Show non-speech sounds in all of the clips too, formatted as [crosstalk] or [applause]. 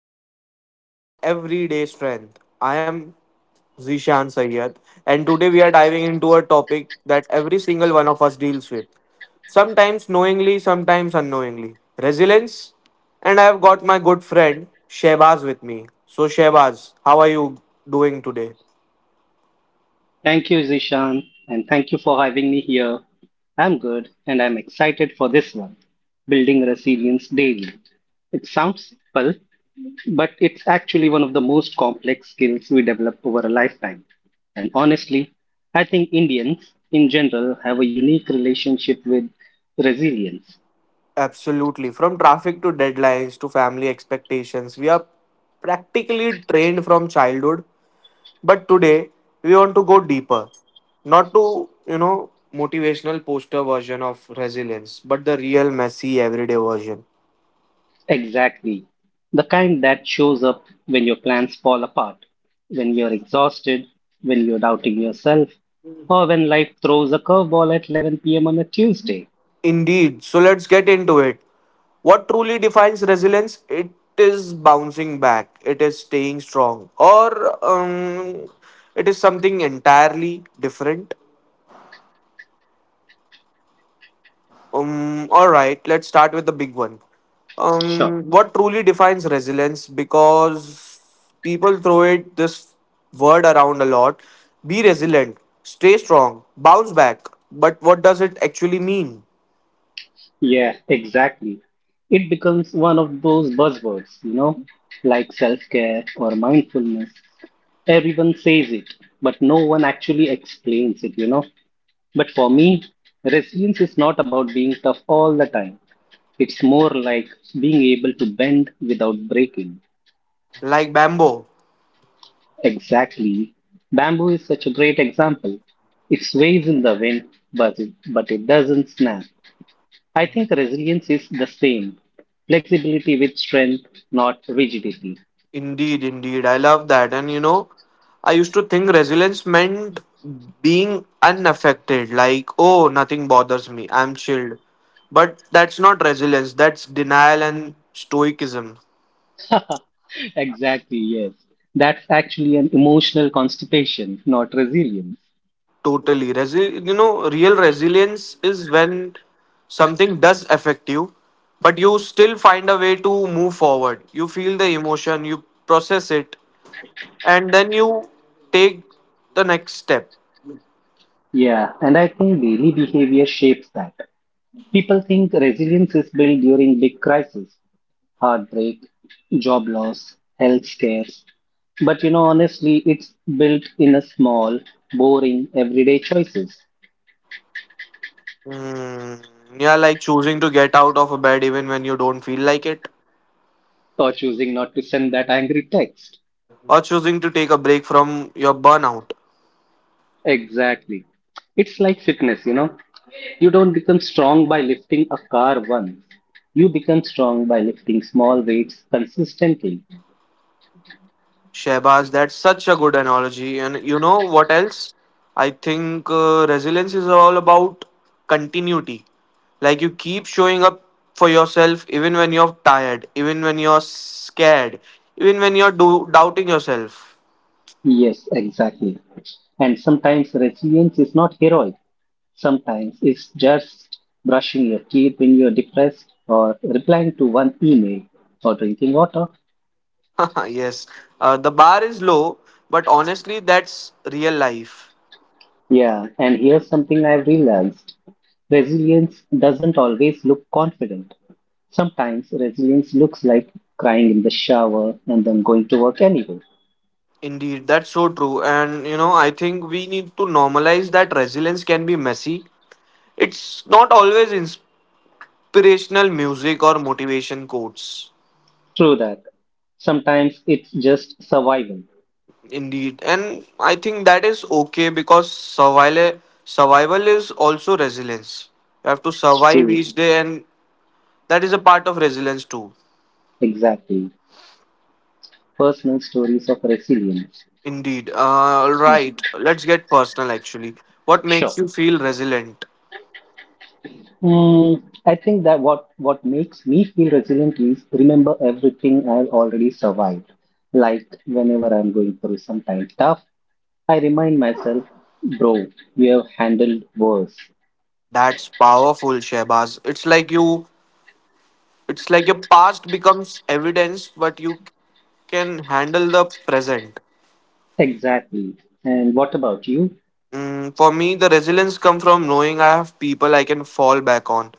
Back to another episode of Everyday Strength. I am Zishan Sayyad, and today we are diving into a topic that every single one of us deals with. Sometimes knowingly, sometimes unknowingly. Resilience. And I have got my good friend Shehbaz with me. So Shehbaz, how are you doing today? Thank you, Zishan, and thank you for having me here. I'm good and I'm excited for this one, Building Resilience Daily. It sounds simple, but it's actually one of the most complex skills we develop over a lifetime. And honestly, I think Indians in general have a unique relationship with resilience. Absolutely. From traffic to deadlines to family expectations, we are practically trained from childhood. But today we want to go deeper, not to motivational poster version of resilience, but the real messy everyday version. Exactly. The kind that shows up when your plans fall apart, when you're exhausted, when you're doubting yourself, or when life throws a curveball at 11 p.m. on a Tuesday. Indeed, so let's get into it. What truly defines resilience? It is bouncing back? It is staying strong, or it is something entirely different? All right, let's start with the big one. Sure. What truly defines resilience? Because people throw it this word around a lot. Be resilient, stay strong, bounce back. But what does it actually mean? Yeah, exactly. It becomes one of those buzzwords, you know, like self-care or mindfulness. Everyone says it, but no one actually explains it, you know. But for me, resilience is not about being tough all the time. It's more like being able to bend without breaking. Like bamboo. Exactly. Bamboo is such a great example. It sways in the wind, but it doesn't snap. I think resilience is the same. Flexibility with strength, not rigidity. [laughs] Indeed, indeed. I love that. And you know, I used to think resilience meant being unaffected, like, oh, nothing bothers me, I'm chilled. But that's not resilience, that's denial and stoicism. Exactly, yes. That's actually an emotional constipation, not resilience. Totally. You know, real resilience is when something does affect you, but you still find a way to move forward. You feel the emotion, you process it, and then you take the next step. Yeah, and I think daily behavior shapes that. People think resilience is built during big crises, heartbreak, job loss, health scares. But you know, honestly, it's built in a small, boring, everyday choices, Mm, yeah, like choosing to get out of bed even when you don't feel like it, or choosing not to send that angry text. or choosing to take a break from your burnout. Exactly. It's like fitness, you know. You don't become strong by lifting a car once. You become strong by lifting small weights consistently. Shehbaz, that's such a good analogy. And you know what else? I think resilience is all about continuity. Like you keep showing up for yourself even when you're tired, even when you're scared, even when you're doubting yourself. Yes, exactly. And sometimes resilience is not heroic. Sometimes it's just brushing your teeth when you're depressed, or replying to one email, or drinking water. [laughs] Yes, the bar is low, but honestly, that's real life. Yeah, and here's something I've realized: resilience doesn't always look confident. Sometimes resilience looks like crying in the shower and then going to work anyway. Indeed, that's so true. And you know, I think we need to normalize that resilience can be messy. It's not always inspirational music or motivation quotes. True that. Sometimes it's just survival. Indeed, and I think that is okay because survival is also resilience. You have to It's survive true. each day, and that is a part of resilience too. Exactly. Personal stories of resilience. Indeed. All Yes. right, let's get personal actually. What makes Sure. you feel resilient? I think that what makes me feel resilient is remember everything I've already survived. Like whenever I'm going through something tough, I remind myself, bro, you have handled worse. That's powerful, Shehbaz. It's like your past becomes evidence but you can handle the present. Exactly. And what about you? Mm, for me, the resilience comes from knowing I have people I can fall back on.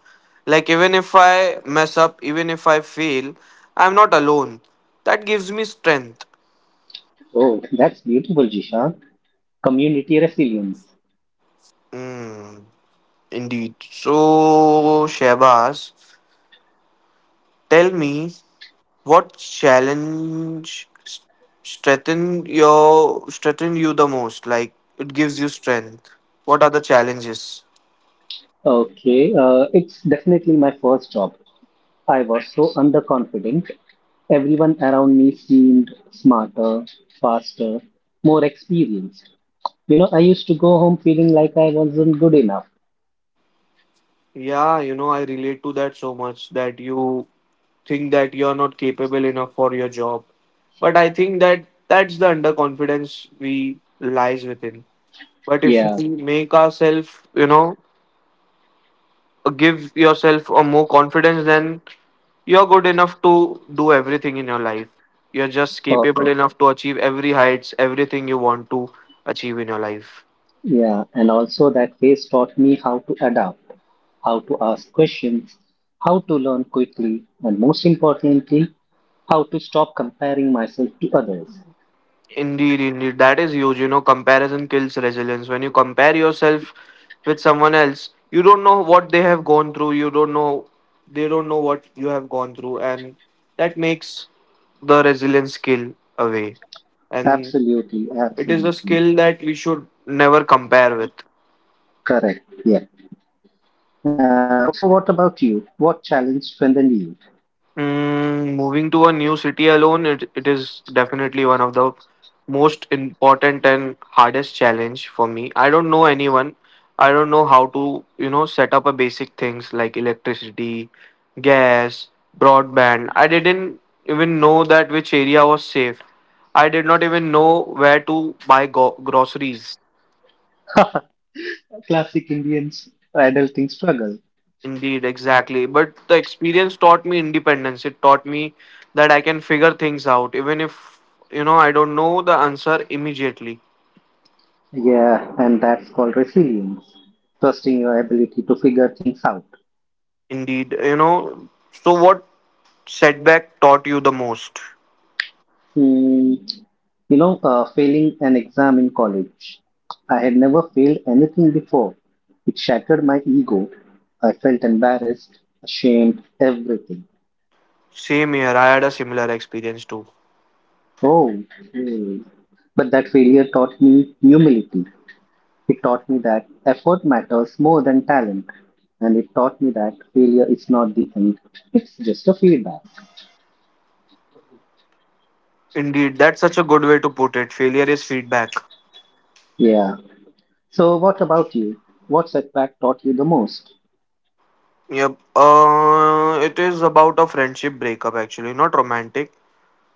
Like, even if I mess up, even if I fail, I'm not alone. That gives me strength. Oh, that's beautiful, Jishan. Community resilience. Mm, indeed. So, Shabazz, tell me, what challenge s- strengthen your strengthen you the most? Like, it gives you strength. What are the challenges? Okay, it's definitely my first job. I was so underconfident. Everyone around me seemed smarter, faster, more experienced. You know, I used to go home feeling like I wasn't good enough. Yeah, you know, I relate to that so much, that you think that you're not capable enough for your job. But I think that that's the underconfidence we lies within. But if Yeah, we make ourselves, you know, give yourself a more confidence, then you're good enough to do everything in your life. You're just capable perfect. enough to achieve every heights, everything you want to achieve in your life. Yeah, and also that phase taught me how to adapt, how to ask questions, how to learn quickly, and most importantly, how to stop comparing myself to others. Indeed, indeed. That is huge. You know, comparison kills resilience. When you compare yourself with someone else, you don't know what they have gone through. You don't know, they don't know what you have gone through. And that makes the resilience skill away. And Absolutely, it is a absolutely. skill that we should never compare with. Correct. Yeah. So, what about you? What challenge strengthened you? Mm, moving to a new city alone, it is definitely one of the most important and hardest challenge for me. I don't know anyone. I don't know how to, you know, set up a basic things like electricity, gas, broadband. I didn't even know that which area was safe. I did not even know where to buy groceries. [laughs] Classic Indians adulting struggle. Indeed, exactly. But the experience taught me independence. It taught me that I can figure things out, even if, you know, I don't know the answer immediately. Yeah, and that's called resilience, trusting your ability to figure things out. Indeed, you know. So, what setback taught you the most? Hmm, you know, failing an exam in college. I had never failed anything before. It shattered my ego. I felt embarrassed, ashamed, everything. Same here, I had a similar experience too. Oh, hmm. But that failure taught me humility. It taught me that effort matters more than talent. And it taught me that failure is not the end, it's just a feedback. Indeed, that's such a good way to put it. Failure is feedback. Yeah. So, what about you? What setback taught you the most? Yep. It is about a friendship breakup, actually, not romantic.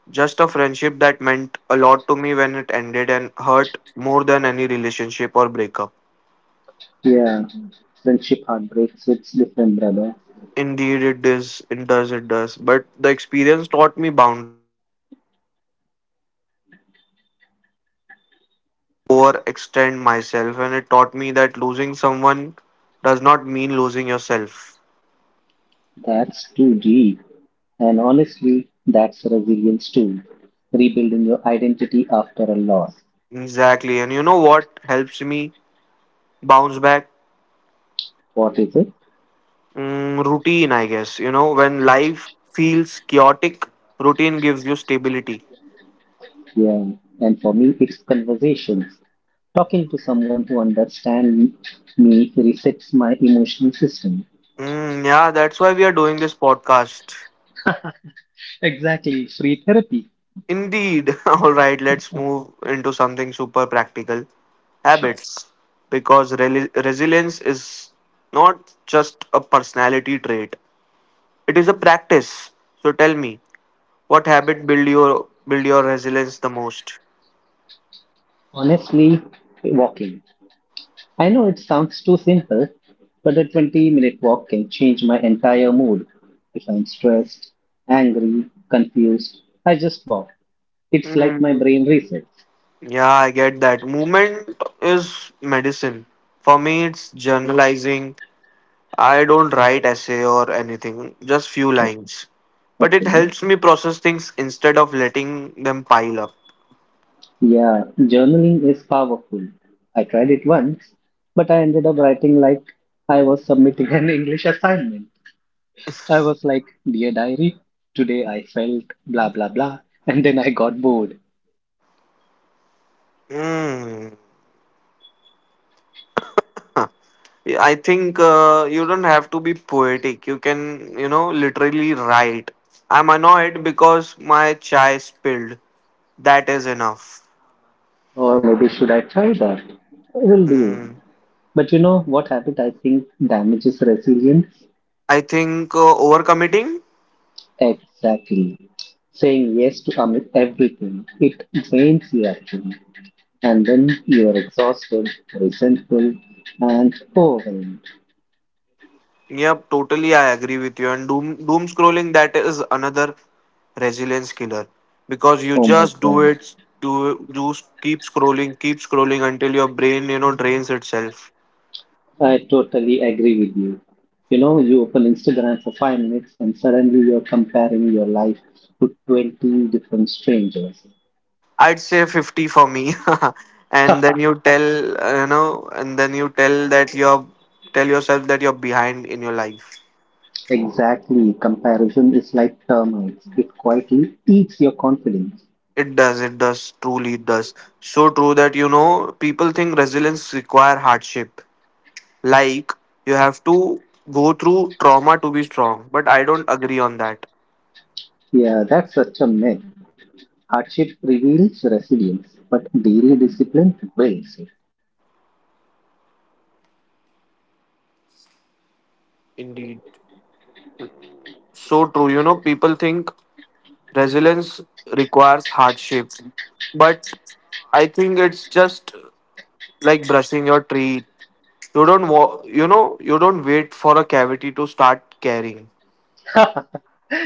Just a friendship that meant a lot to me when it ended and hurt more than any relationship or breakup. Yeah, friendship heartbreaks hits different, brother. Indeed, it does. It does. It does. But the experience taught me boundaries. Overextend myself, and it taught me that losing someone does not mean losing yourself. That's too deep. And honestly, that's resilience too. Rebuilding your identity after a loss. Exactly. And you know what helps me bounce back? What is it? Mm, routine, I guess. You know, when life feels chaotic, routine gives you stability. Yeah, and for me, it's conversations. Talking to someone who understands me resets my emotional system. Mm, yeah, that's why we are doing this podcast. Exactly, free therapy. Indeed. [laughs] All right, let's move into something super practical: Sure. habits. Because reli resilience is not just a personality trait, it is a practice. So tell me, what habit build your resilience the most? Honestly, walking. I know it sounds too simple, but a 20-minute walk can change my entire mood. If I'm stressed, angry, confused, I just walk. It's like my Mm, brain resets. yeah, I get that. Movement is medicine. For me, it's journalizing. I don't write essay or anything, just few Oh, lines. But it okay. helps me process things instead of letting them pile up. Yeah, journaling is powerful. I tried it once, but I ended up writing like I was submitting an English assignment. I was like, "Dear diary, today I felt blah blah blah," and then I got bored. Mm. Yeah, I think you don't have to be poetic. You can, you know, literally write. I'm annoyed because my chai spilled. That is enough. Or maybe should I try that? I will do. Hmm. But you know what habit I think damages resilience? I think overcommitting. Exactly. Saying yes to everything. It drains you actually. And then you are exhausted, resentful, and overwhelmed. Yep, totally. I agree with you. And doom scrolling. That is another resilience killer because you Oh my just do God. it. Do do Keep scrolling, keep scrolling until your brain you know drains itself. I totally agree with you. You know, you open Instagram for 5 minutes and suddenly you're comparing your life to 20 different strangers. I'd say 50 for me. [laughs] And [laughs] then you know, and then you tell yourself that you're behind in your life. Exactly. Comparison is like termites. It quietly eats your confidence. It does, truly it does. So true that you know people think resilience require hardship. Like you have to go through trauma to be strong. But I don't agree on that. Yeah, that's such a myth. Hardship reveals resilience, but daily discipline builds Indeed. So true. You know, people think resilience requires hardship. But I think it's just like brushing your teeth. You don't you know, you don't wait for a cavity to start caring. it.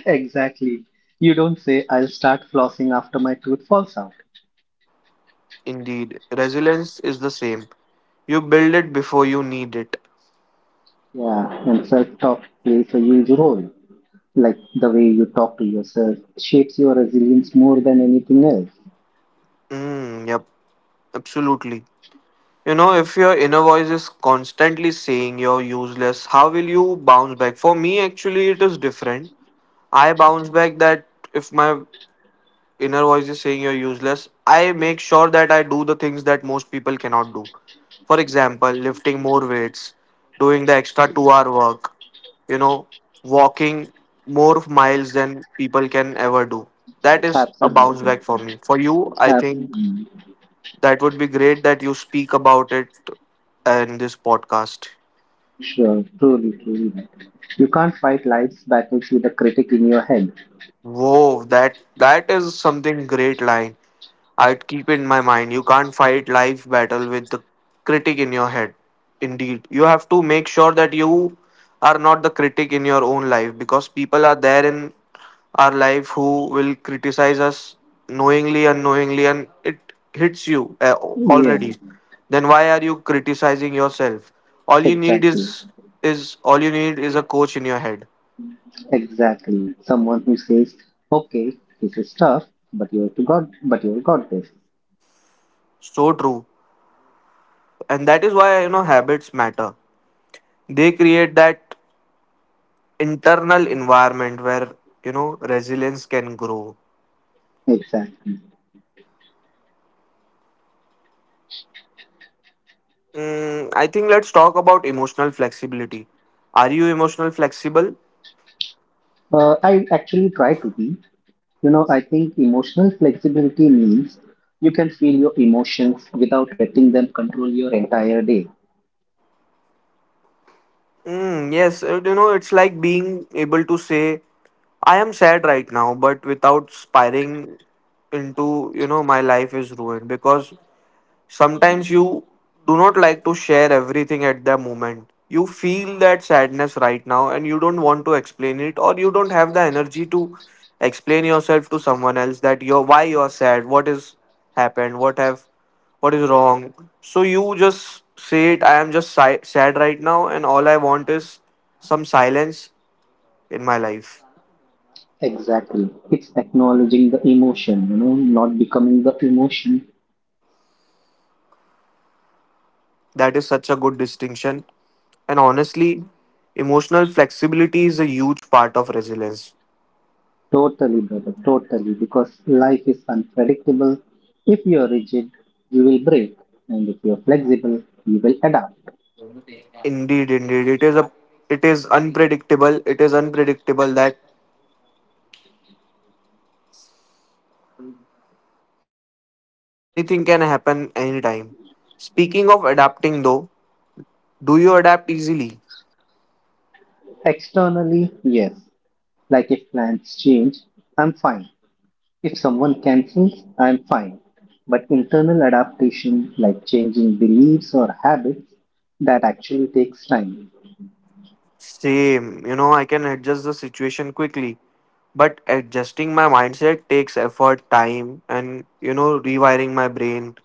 [laughs] Exactly. You don't say, "I'll start flossing after my tooth falls out." Indeed. Resilience is the same. You build it before you need it. Yeah, and self talk plays a huge role. Like the way you talk to yourself shapes your resilience more than anything else. Mm, yep, absolutely. You know, if your inner voice is constantly saying you're useless, how will you bounce back? For me, actually, it is different. I bounce back that if my inner voice is saying you're useless, I make sure that I do the things that most people cannot do. For example, lifting more weights, doing the extra 2 hour work, you know, walking more miles than people can ever do. That is a bounce Absolutely. back for me. For you, I think Absolutely. that would be great that you speak about it in this podcast. Sure, truly, truly. Right. You can't fight life's battles with a critic in your head. Whoa, that is something great line. I'd keep in my mind, you can't fight life battle with the critic in your head. Indeed, you have to make sure that you are not the critic in your own life because people are there in our life who will criticize us knowingly unknowingly, and it hits you already. Yeah, Then why are you criticizing yourself? all you need is exactly. All you need is a coach in your head. Exactly. Someone who says, "Okay, this is tough, but you have got this." So true. And that is why you know habits matter. They create that internal environment where you know resilience can grow. Exactly. Mm, I think let's talk about emotional flexibility. Are you emotional flexible? I actually try to be. You know, I think emotional flexibility means you can feel your emotions without letting them control your entire day. Mm, yes, you know, it's like being able to say I am sad right now, but without spiraling into you know my life is ruined. Because sometimes you do not like to share everything at the moment. You feel that sadness right now and you don't want to explain it, or you don't have the energy to explain yourself to someone else, that you're why you are sad, what is happened, what is wrong. So you just say it, I am just sad right now, and all I want is some silence in my life. Exactly. It's acknowledging the emotion, you know, not becoming the emotion. That is such a good distinction, and honestly emotional flexibility is a huge part of resilience. Totally, brother, totally. Because life is unpredictable. If you're rigid, you will break. And if you're flexible, you will adapt. Indeed, indeed. It is a, it is unpredictable. It is unpredictable that anything can happen anytime. Speaking of adapting though, do you adapt easily? Externally, yes. Like if plans change, I'm fine. If someone cancels, I'm fine. But internal adaptation, like changing beliefs or habits, that actually takes time. Same. You know, I can adjust the situation quickly. But adjusting my mindset takes effort, time, and you know, rewiring my brain.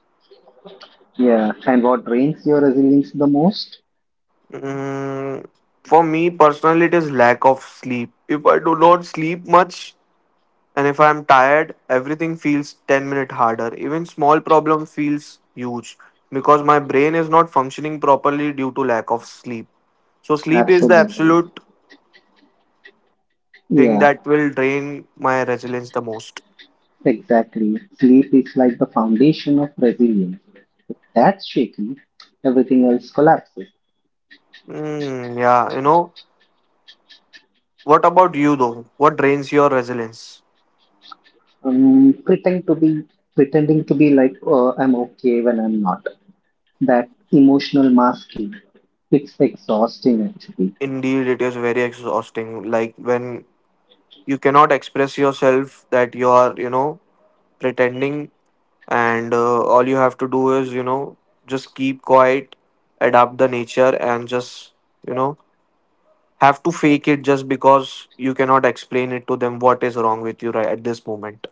Yeah. And what drains your resilience the most? Mm, for me personally, it is lack of sleep. If I do not sleep much, and if I'm tired, everything feels 10-minute harder. Even small problem feels huge because my brain is not functioning properly due to lack of sleep. So sleep is the Absolutely. absolute thing Yeah, that will drain my resilience the most. exactly. Sleep is like the foundation of resilience. If that's shaky, everything else collapses. Mm, yeah, you know. What about you though? What drains your resilience? Um, pretend to be Pretending to be like, "Oh, I'm okay," when I'm not. That emotional masking. It's exhausting actually. Indeed, it is very exhausting. Like when you cannot express yourself that you are, pretending and all you have to do is just keep quiet, adapt the nature and just you know have to fake it just because you cannot explain it to them what is wrong with you right at this moment.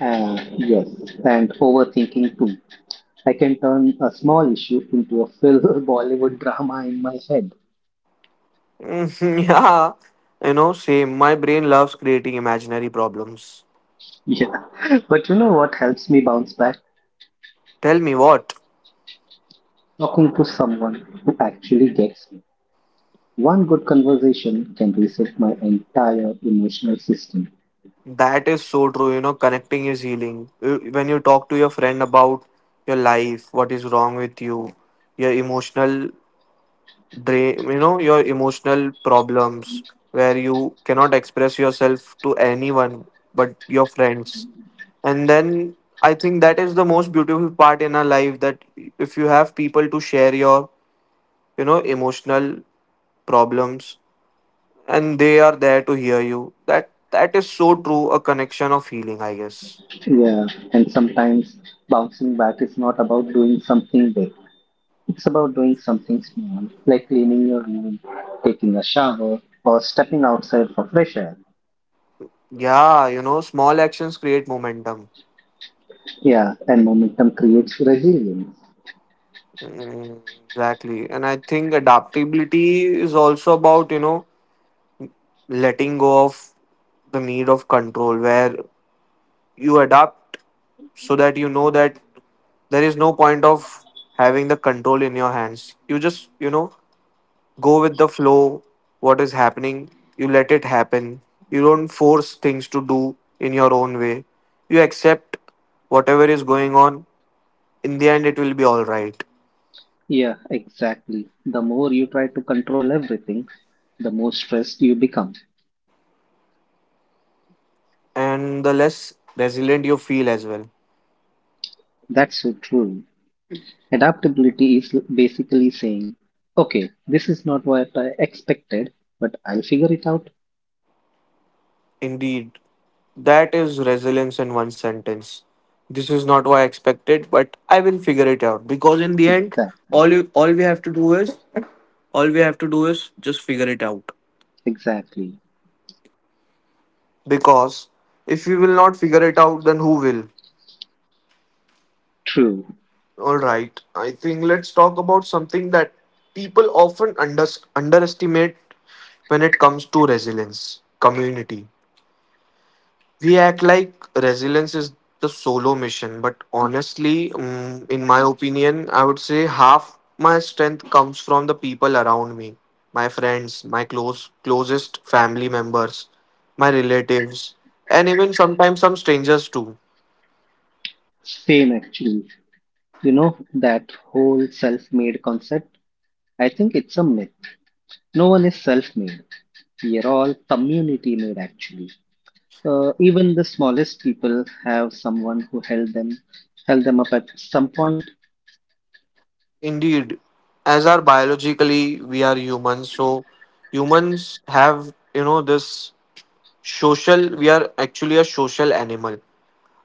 Yes, and overthinking too. I can turn a small issue into a full [laughs] Bollywood drama in my head. Mhm, [laughs] yeah, same. My brain loves creating imaginary problems. Yeah, but you know what helps me bounce back? Tell me what. Talking to someone who actually gets me. One good conversation can reset my entire emotional system. That is so true, connecting is healing. When you talk to your friend about your life, what is wrong with you, your emotional drain, your emotional problems, where you cannot express yourself to anyone but your friends, and then I think that is the most beautiful part in our life that if you have people to share your, emotional problems, and they are there to hear you, that that is so true, a connection of healing I guess. Yeah, and sometimes bouncing back is not about doing something big. It's about doing something small, like cleaning your room, taking a shower, or stepping outside for fresh air. Yeah, small actions create momentum. Yeah, and momentum creates resilience. Mm, exactly, and I think adaptability is also about, letting go of the need of control, where you adapt so that you know that there is no point of having the control in your hands. You just, go with the flow. What is happening, you let it happen. You don't force things to do in your own way. You accept whatever is going on. In the end it will be all right. Yeah, exactly. The more you try to control everything, the more stressed you become. And the less resilient you feel as well. That's so true. Adaptability is basically saying, "Okay, this is not what I expected, but I'll figure it out." Indeed. That is resilience in one sentence. This is not what I expected, but I will figure it out. Because in the end, Exactly, all we have to do is just figure it out. exactly. Because if we will not figure it out, then who will? True. Alright. I think let's talk about something that people often underestimate when it comes to resilience. Community. We act like resilience is the solo mission, but honestly, mm, in my opinion, I would say half my strength comes from the people around me, my friends, my closest family members, my relatives, and even sometimes some strangers too. Same actually. You know, that whole self made concept, I think it's a myth. No one is self made. We are all community made, actually. Even the smallest people have someone who held them up at some point. Indeed, as are biologically we are humans, so humans have, this social. We are actually a social animal.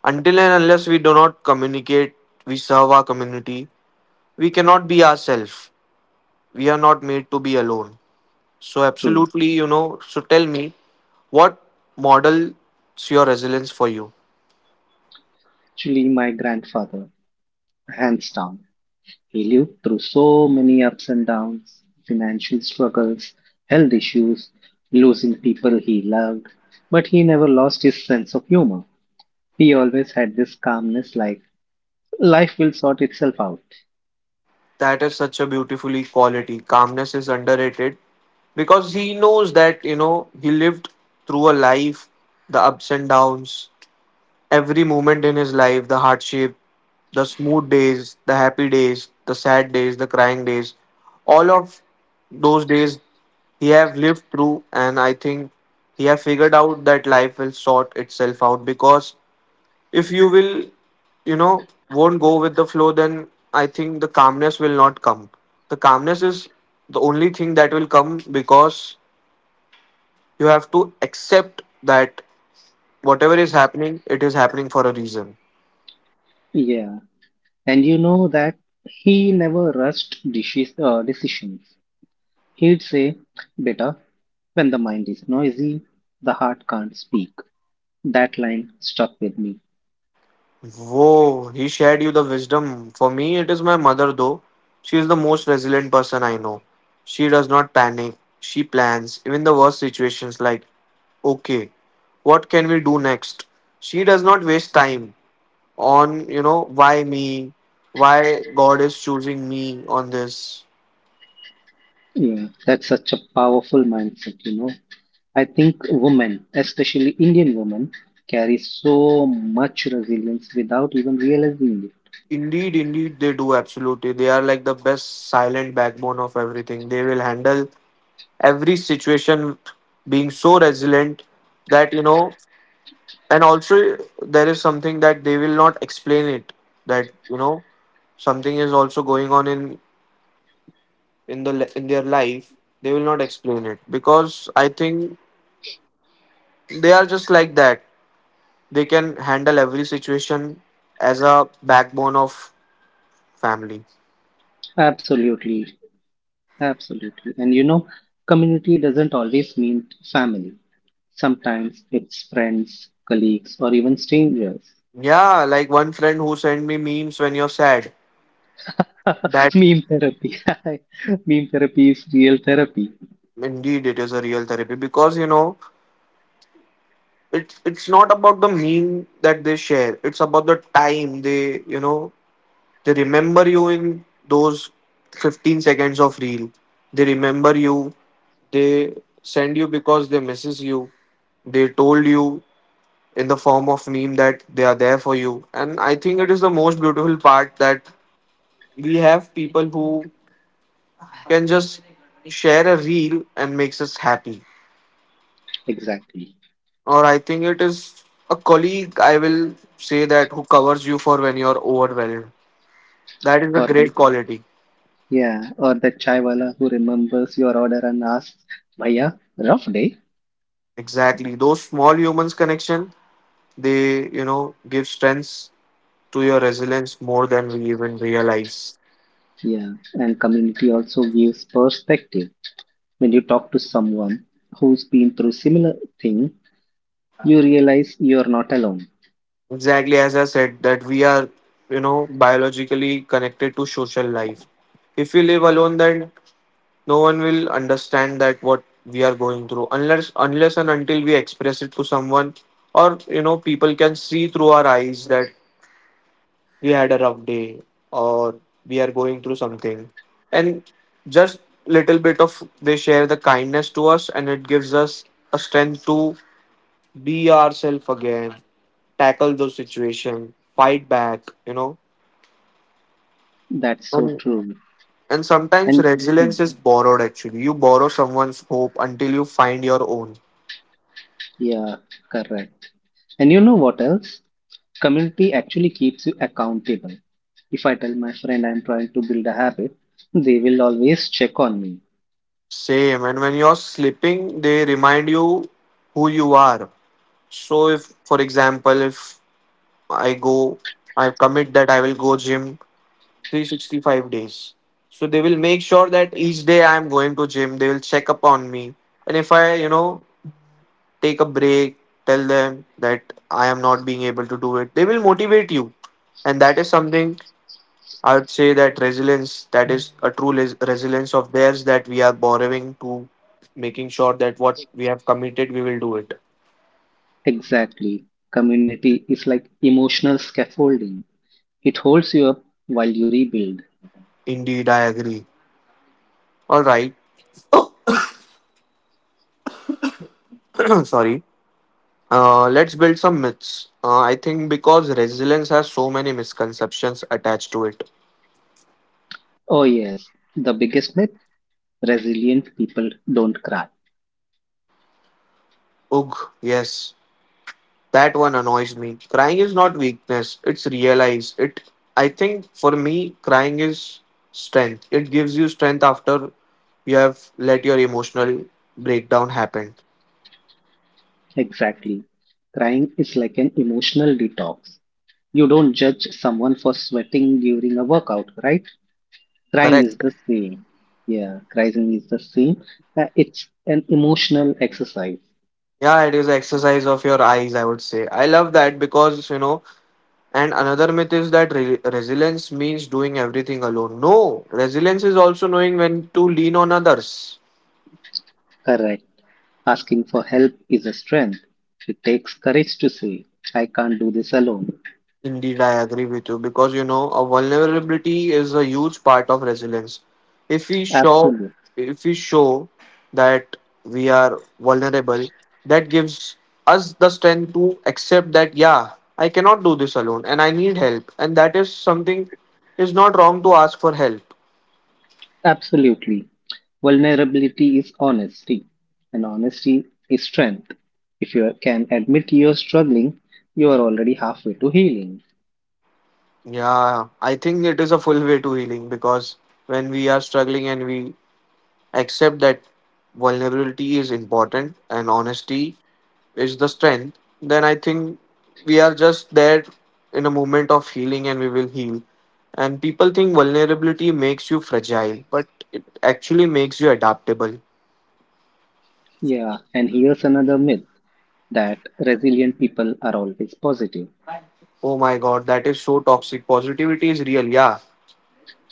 Until and unless we do not communicate, we serve our community, we cannot be ourselves. We are not made to be alone. So, True. absolutely, you know, so tell me, what models your resilience for you? Actually, my grandfather, hands down. He lived through so many ups and downs, financial struggles, health issues, losing people he loved. But he never lost his sense of humor. He always had this calmness, like, life will sort itself out. That is such a beautifully quality. Calmness is underrated because he knows that, you know, he lived through a life, the ups and downs. Every moment in his life, the hardship, the smooth days, the happy days, the sad days, the crying days, all of those days he have lived through, and I think he have figured out that life will sort itself out. Because if you will, you know, won't go with the flow, then I think the calmness will not come. The calmness is the only thing that will come, because you have to accept that whatever is happening, it is happening for a reason. Yeah. And you know that he never rushed decisions. He'd say, "Beta, when the mind is noisy, the heart can't speak." That line stuck with me. Whoa, he shared you the wisdom. For me, it is my mother, though. She is the most resilient person I know. She does not panic. She plans, even the worst situations, like, okay, what can we do next? She does not waste time on, you know, why me? Why God is choosing me on this? Yeah, that's such a powerful mindset, you know. I think women, especially Indian women, carry so much resilience without even realizing it. Indeed, indeed, they do, absolutely. They are like the best silent backbone of everything. They will handle every situation being so resilient that, you know, and also there is something that they will not explain it, that, something is also going on in the in their life. They will not explain it because I think they are just like that. They can handle every situation as a backbone of family. Absolutely, absolutely. And you know, community doesn't always mean family. Sometimes it's friends, colleagues, or even strangers. Yeah, like one friend who sent me memes when you're sad, [laughs] that. Meme therapy. [laughs] Meme therapy is real therapy. Indeed, it is a real therapy because, it's not about the meme that they share, it's about the time they, you know they remember you in those 15 seconds of reel. They remember you. They send you because they misses you. They told you in the form of meme that they are there for you. And I think it is the most beautiful part that we have people who can just share a reel and makes us happy. Exactly. Or I think it is a colleague I will say that who covers you for when you're overwhelmed. That is a Or that, great quality. yeah, or that chai wala who remembers your order and asks, "Bhaiya, rough day?" Exactly. Those small humans connection, they, give strengths to your resilience more than we even realize. Yeah, and community also gives perspective. When you talk to someone who's been through similar thing, you realize you're not alone. Exactly, as I said, that we are, biologically connected to social life. If we live alone, then no one will understand that what we are going through, unless and until we express it to someone, or, people can see through our eyes that we had a rough day, or we are going through something, and just little bit of they share the kindness to us, and it gives us a strength to be ourselves again, tackle those situations, fight back, you know. That's so And true. Sometimes And hmm, resilience is borrowed. Actually, you borrow someone's hope until you find your own. yeah, correct. And you know what else? Community actually keeps you accountable. If I tell my friend I'm trying to build a habit, they will always check on me. Same, and when you're slipping they remind you who you are. So if for example, if I go, I commit that I will go gym 365 days. So they will make sure that each day I am going to gym. They will check up on me. And if I, you know, take a break, tell them that I am not being able to do it, they will motivate you. And that is something I would say that resilience, that is a true resilience of theirs, that we are borrowing to making sure that what we have committed, we will do it. Exactly. Community is like emotional scaffolding, it holds you up while you rebuild. Indeed, I agree. All right. [clears throat] Sorry. Let's build some myths. I think because resilience has so many misconceptions attached to it. Oh, yes. The biggest myth: resilient people don't cry. Ugh, yes, that one annoys me. Crying is not weakness; it's realize it. I think for me, crying is strength. It gives you strength after you have let your emotional breakdown happen. Exactly. Crying is like an emotional detox. You don't judge someone for sweating during a workout, right? Crying Correct. is the same. Yeah, crying is the same. It's an emotional exercise. Yeah, it is exercise of your eyes, I would say. I love that because, you know, and another myth is that resilience means doing everything alone. No, resilience is also knowing when to lean on others. Correct. Asking for help is a strength. It takes courage to say, "I can't do this alone." Indeed, I agree with you, because, a vulnerability is a huge part of resilience. If we show, Absolutely. if we show that we are vulnerable, that gives us the strength to accept that, yeah, I cannot do this alone and I need help, and that is something is not wrong to ask for help. Absolutely. Vulnerability is honesty, and honesty is strength. If you can admit you're struggling, you are already halfway to healing. Yeah, I think it is a full way to healing, because when we are struggling and we accept that vulnerability is important and honesty is the strength, then I think we are just there in a moment of healing and we will heal. And people think vulnerability makes you fragile, but it actually makes you adaptable. Yeah, and here's another myth, that resilient people are always positive. Oh my god, that is so toxic. Positivity is real, yeah.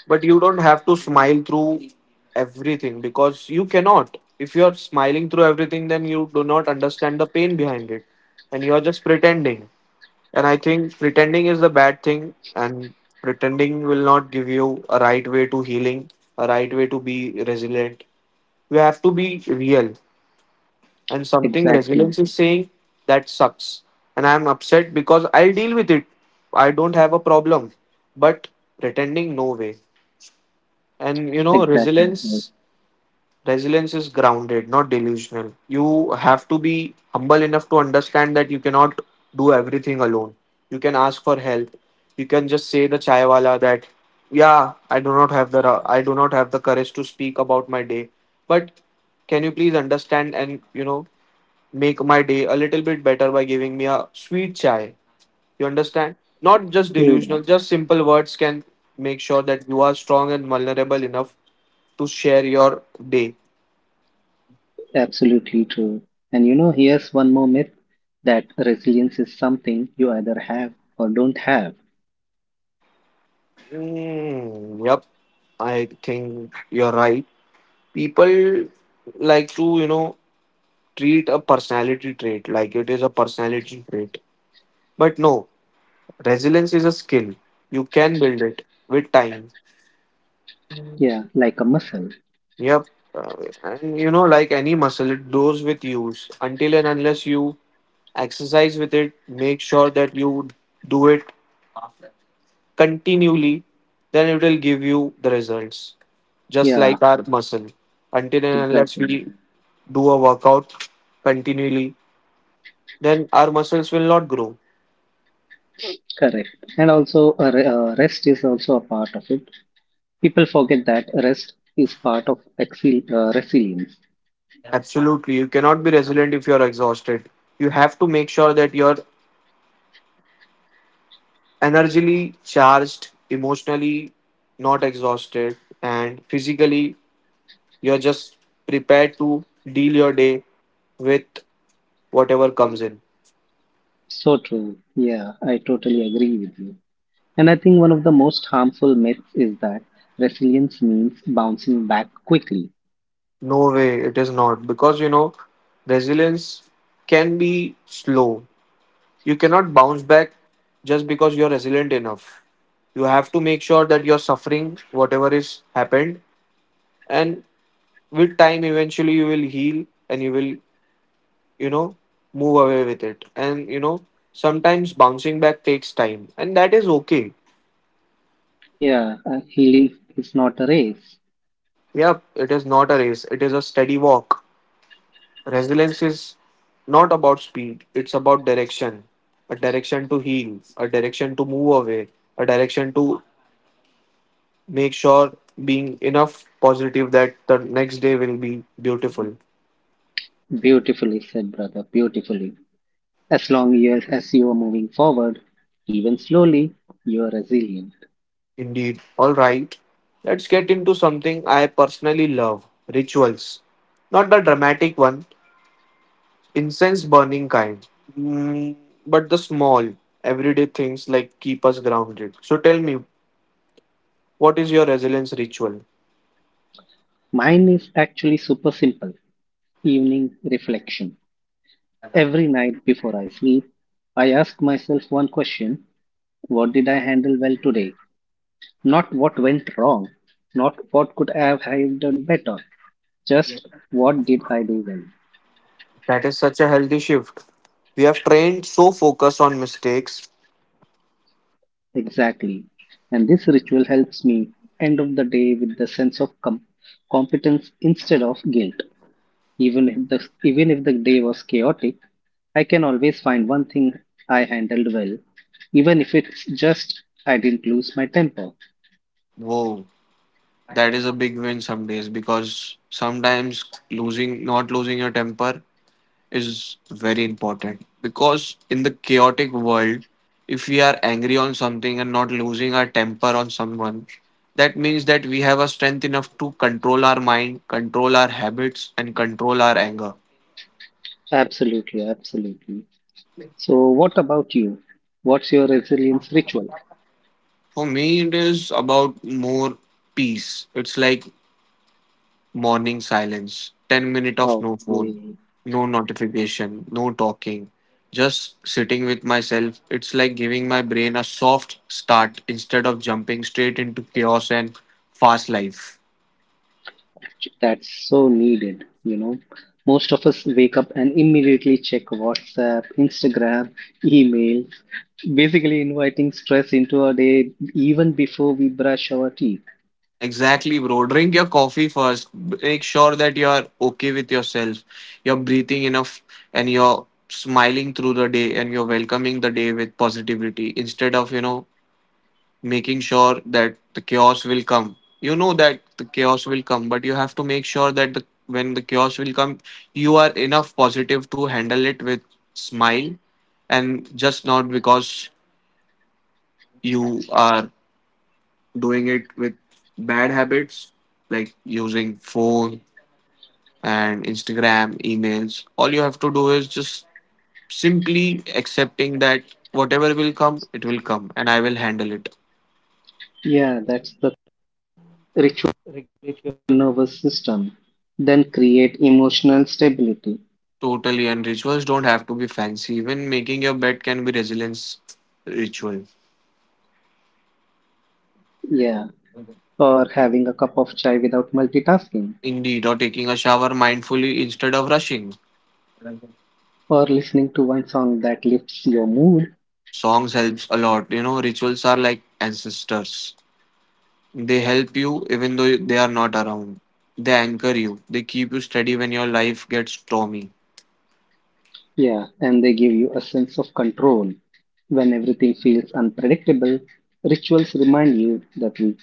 But you don't have to smile through everything because you cannot. If you are smiling through everything, then you do not understand the pain behind it. And you are just pretending. And I think pretending is the bad thing, and pretending will not give you a right way to healing, a right way to be resilient. You have to be real. And something Exactly, resilience is saying that sucks. And I'm upset because I'll deal with it. I don't have a problem. But pretending, no way. And you know, exactly. Yes. resilience, resilience is grounded, not delusional. You have to be humble enough to understand that you cannot do everything alone. You can ask for help. You can just say the chai wala that, yeah, I do not have the I do not have the courage to speak about my day, but can you please understand, and, make my day a little bit better by giving me a sweet chai. You understand, not just True that. delusional, just simple words can make sure that you are strong and vulnerable enough to share your day. Absolutely true. And you know, here's one more myth, that resilience is something you either have or don't have. Yep, I think you're right. People like to, you know, treat a personality trait like it is a personality trait. But no, resilience is a skill. You can build it with time. Yeah, like a muscle. Yep. Uh, and you know, like any muscle, it grows with use. Until and unless you exercise with it, make sure that you do it continually, then it will give you the results. Just like Yeah, our muscle. Until and unless we exactly. do a workout continually, then our muscles will not grow. Correct. And also, rest is also a part of it. People forget that rest is part of exil resilience. Absolutely. You cannot be resilient if you're exhausted. You have to make sure that you're energetically charged, emotionally not exhausted, and physically you're just prepared to deal your day with whatever comes in. So true. Yeah, I totally agree with you. And I think one of the most harmful myths is that resilience means bouncing back quickly. No way, it is not. Because you know, resilience can be slow. You cannot bounce back just because you're resilient enough. You have to make sure that you're suffering whatever is happened, and with time, eventually, you will heal and you will, you know, move away with it. And you know, sometimes bouncing back takes time, and that is okay. Yeah, healing is not a race. Yeah, it is not a race, it is a steady walk. Resilience is not about speed, it's about direction, a direction to heal, a direction to move away, a direction to make sure being enough positive that the next day will be beautiful. Beautifully said, brother, beautifully. As you are moving forward, even slowly, you are resilient. Indeed. All right. Let's get into something I personally love, rituals. Not the dramatic one, incense burning kind, Mm, but the small, everyday things like keep us grounded. So tell me, what is your resilience ritual? Mine is actually super simple: evening reflection. Every night before I sleep, I ask myself one question: what did I handle well today? Not what went wrong, not what could I have done better, just what did I do well? That is such a healthy shift. We have trained so focus on mistakes. Exactly. And this ritual helps me end of the day with the sense of competence instead of guilt. Even if the even if the day was chaotic, I can always find one thing I handled well, even if it's just I didn't lose my temper. Whoa. That is a big win some days because sometimes losing, not losing your temper is very important. Because in the chaotic world, if we are angry on something and not losing our temper on someone, that means that we have a strength enough to control our mind, control our habits, and control our anger. Absolutely, absolutely. So what about you? What's your resilience ritual? For me, it is about more peace. It's like morning silence, 10 minutes of no phone, Okay. no notification, no talking, just sitting with myself. It's like giving my brain a soft start instead of jumping straight into chaos and fast life. That's so needed, you know. Most of us wake up and immediately check WhatsApp, Instagram, email, basically inviting stress into our day even before we brush our teeth. Exactly, bro. Drink your coffee first. Make sure that you are okay with yourself. You're breathing enough and you're smiling through the day and you're welcoming the day with positivity instead of, you know, making sure that the chaos will come. You know that the chaos will come, but you have to make sure that when the chaos will come, you are enough positive to handle it with smile and just not because you are doing it with bad habits like using phone and Instagram, emails. All you have to do is just simply accepting that whatever will come, it will come and I will handle it. Totally, and rituals don't have to be fancy. Even making your bed can be resilience ritual. Or having a cup of chai without multitasking, Indeed, or taking a shower mindfully instead of rushing. or listening to one song that lifts your mood. Songs helps a lot. You know, rituals are like ancestors. They help you even though they are not around. They anchor you. They keep you steady when your life gets stormy. Yeah, and they give you a sense of control. When everything feels unpredictable, rituals remind you that you,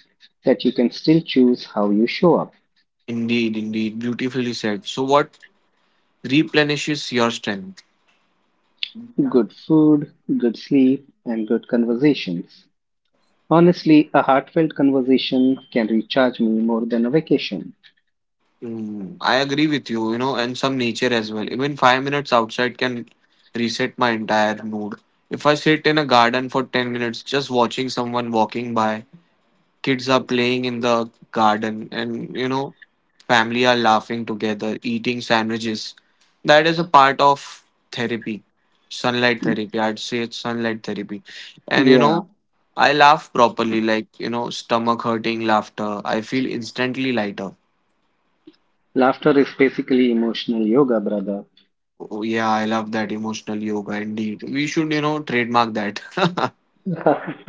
that you can still choose how you show up. Indeed, indeed, beautifully said. So, what replenishes your strength? Good food, good sleep, and good conversations. Honestly, a heartfelt conversation can recharge me more than a vacation. Mm, I agree with you, you know, and some nature as well. Even 5 minutes outside can reset my entire mood. If I sit in a garden for 10 minutes just watching someone walking by, kids are playing in the garden, and you know, family are laughing together, eating sandwiches, that is a part of therapy, sunlight therapy. I'd say it's sunlight therapy. And you Yeah, know, I laugh properly, like, you know, stomach hurting laughter. I feel instantly lighter. laughter is basically emotional yoga, brother. Oh, yeah, I love that emotional yoga indeed. We should, you know, trademark that. [laughs] [laughs]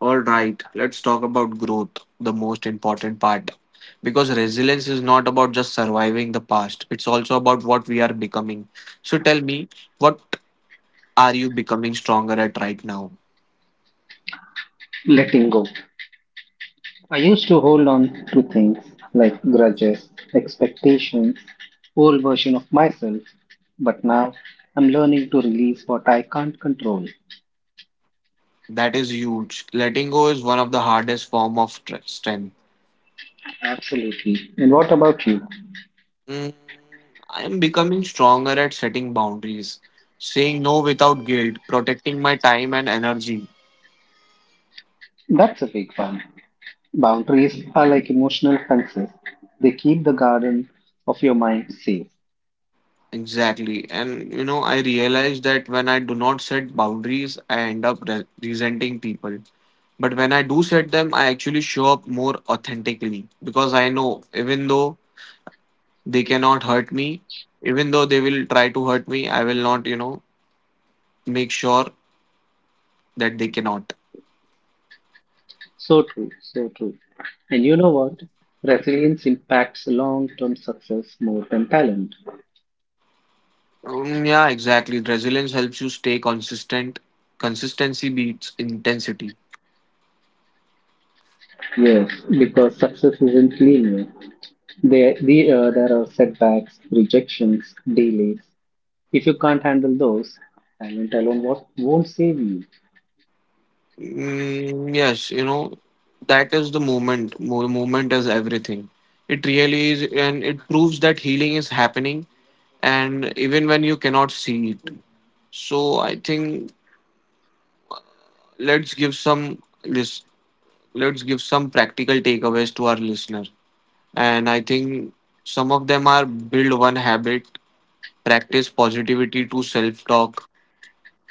All right, let's talk about growth, the most important part. Because resilience is not about just surviving the past, it's also about what we are becoming. So tell me, what are you becoming stronger at right now? Letting go. I used to hold on to things like grudges, expectations, old version of myself, but now I'm learning to release what I can't control. That is huge. Letting go is one of the hardest form of strength. Absolutely. And what about you? Mm, I am becoming stronger at setting boundaries, saying no without guilt, protecting my time and energy. That's a big one. Boundaries are like emotional fences. They keep the garden of your mind safe. Exactly. And you know, I realize that when I do not set boundaries, I end up resenting people. But when I do set them, I actually show up more authentically because I know even though they cannot hurt me, even though they will try to hurt me, I will not, you know, make sure that they cannot. So true, so true. And you know what? Resilience impacts long term success more than talent. Yeah, exactly. Resilience helps you stay consistent. Consistency beats intensity. Yes, because success isn't linear. There are setbacks, rejections, delays. If you can't handle those, talent alone won't save you. Mm, yes, you know, that is the moment. Movement is everything. It really is, and it proves that healing is happening, and even when you cannot see it. So I think let's give some list. Let's give some practical takeaways to our listener, and I think some of them are build one habit, practice positivity to self talk,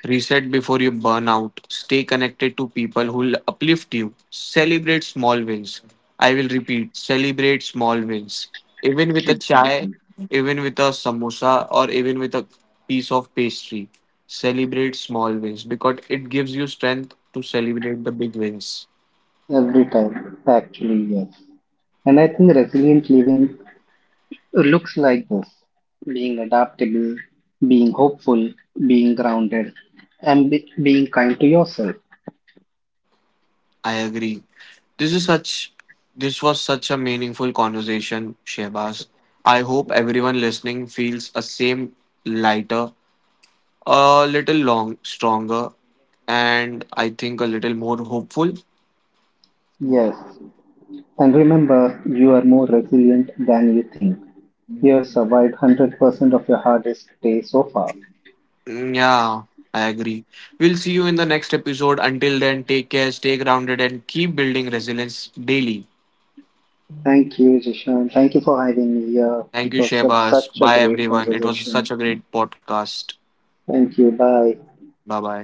reset before you burn out. Stay connected to people who uplift you. Celebrate small wins. I will repeat celebrate small wins. Even with a chai, Exactly. even with a samosa, or even with a piece of pastry. Celebrate small wins because it gives you strength to celebrate the big wins. Every time, actually, yes. And I think resilient living looks like this: being adaptable, being hopeful, being grounded, and being kind to yourself. I agree. This is such this was such a meaningful conversation, Shehbaz. I hope everyone listening feels a same, lighter, a little long stronger, and I think a little more hopeful. Yes. And remember, you are more resilient than you think. You have survived 100% of your hardest day so far. Mm, yeah, I agree. We'll see you in the next episode. Until then take care, stay grounded and keep building resilience daily. Thank you, Jishan. Thank you for having me here. Thank It you was Shebaz, such a bye great everyone. It was conversation. such a great podcast. Thank you. Bye. Bye bye.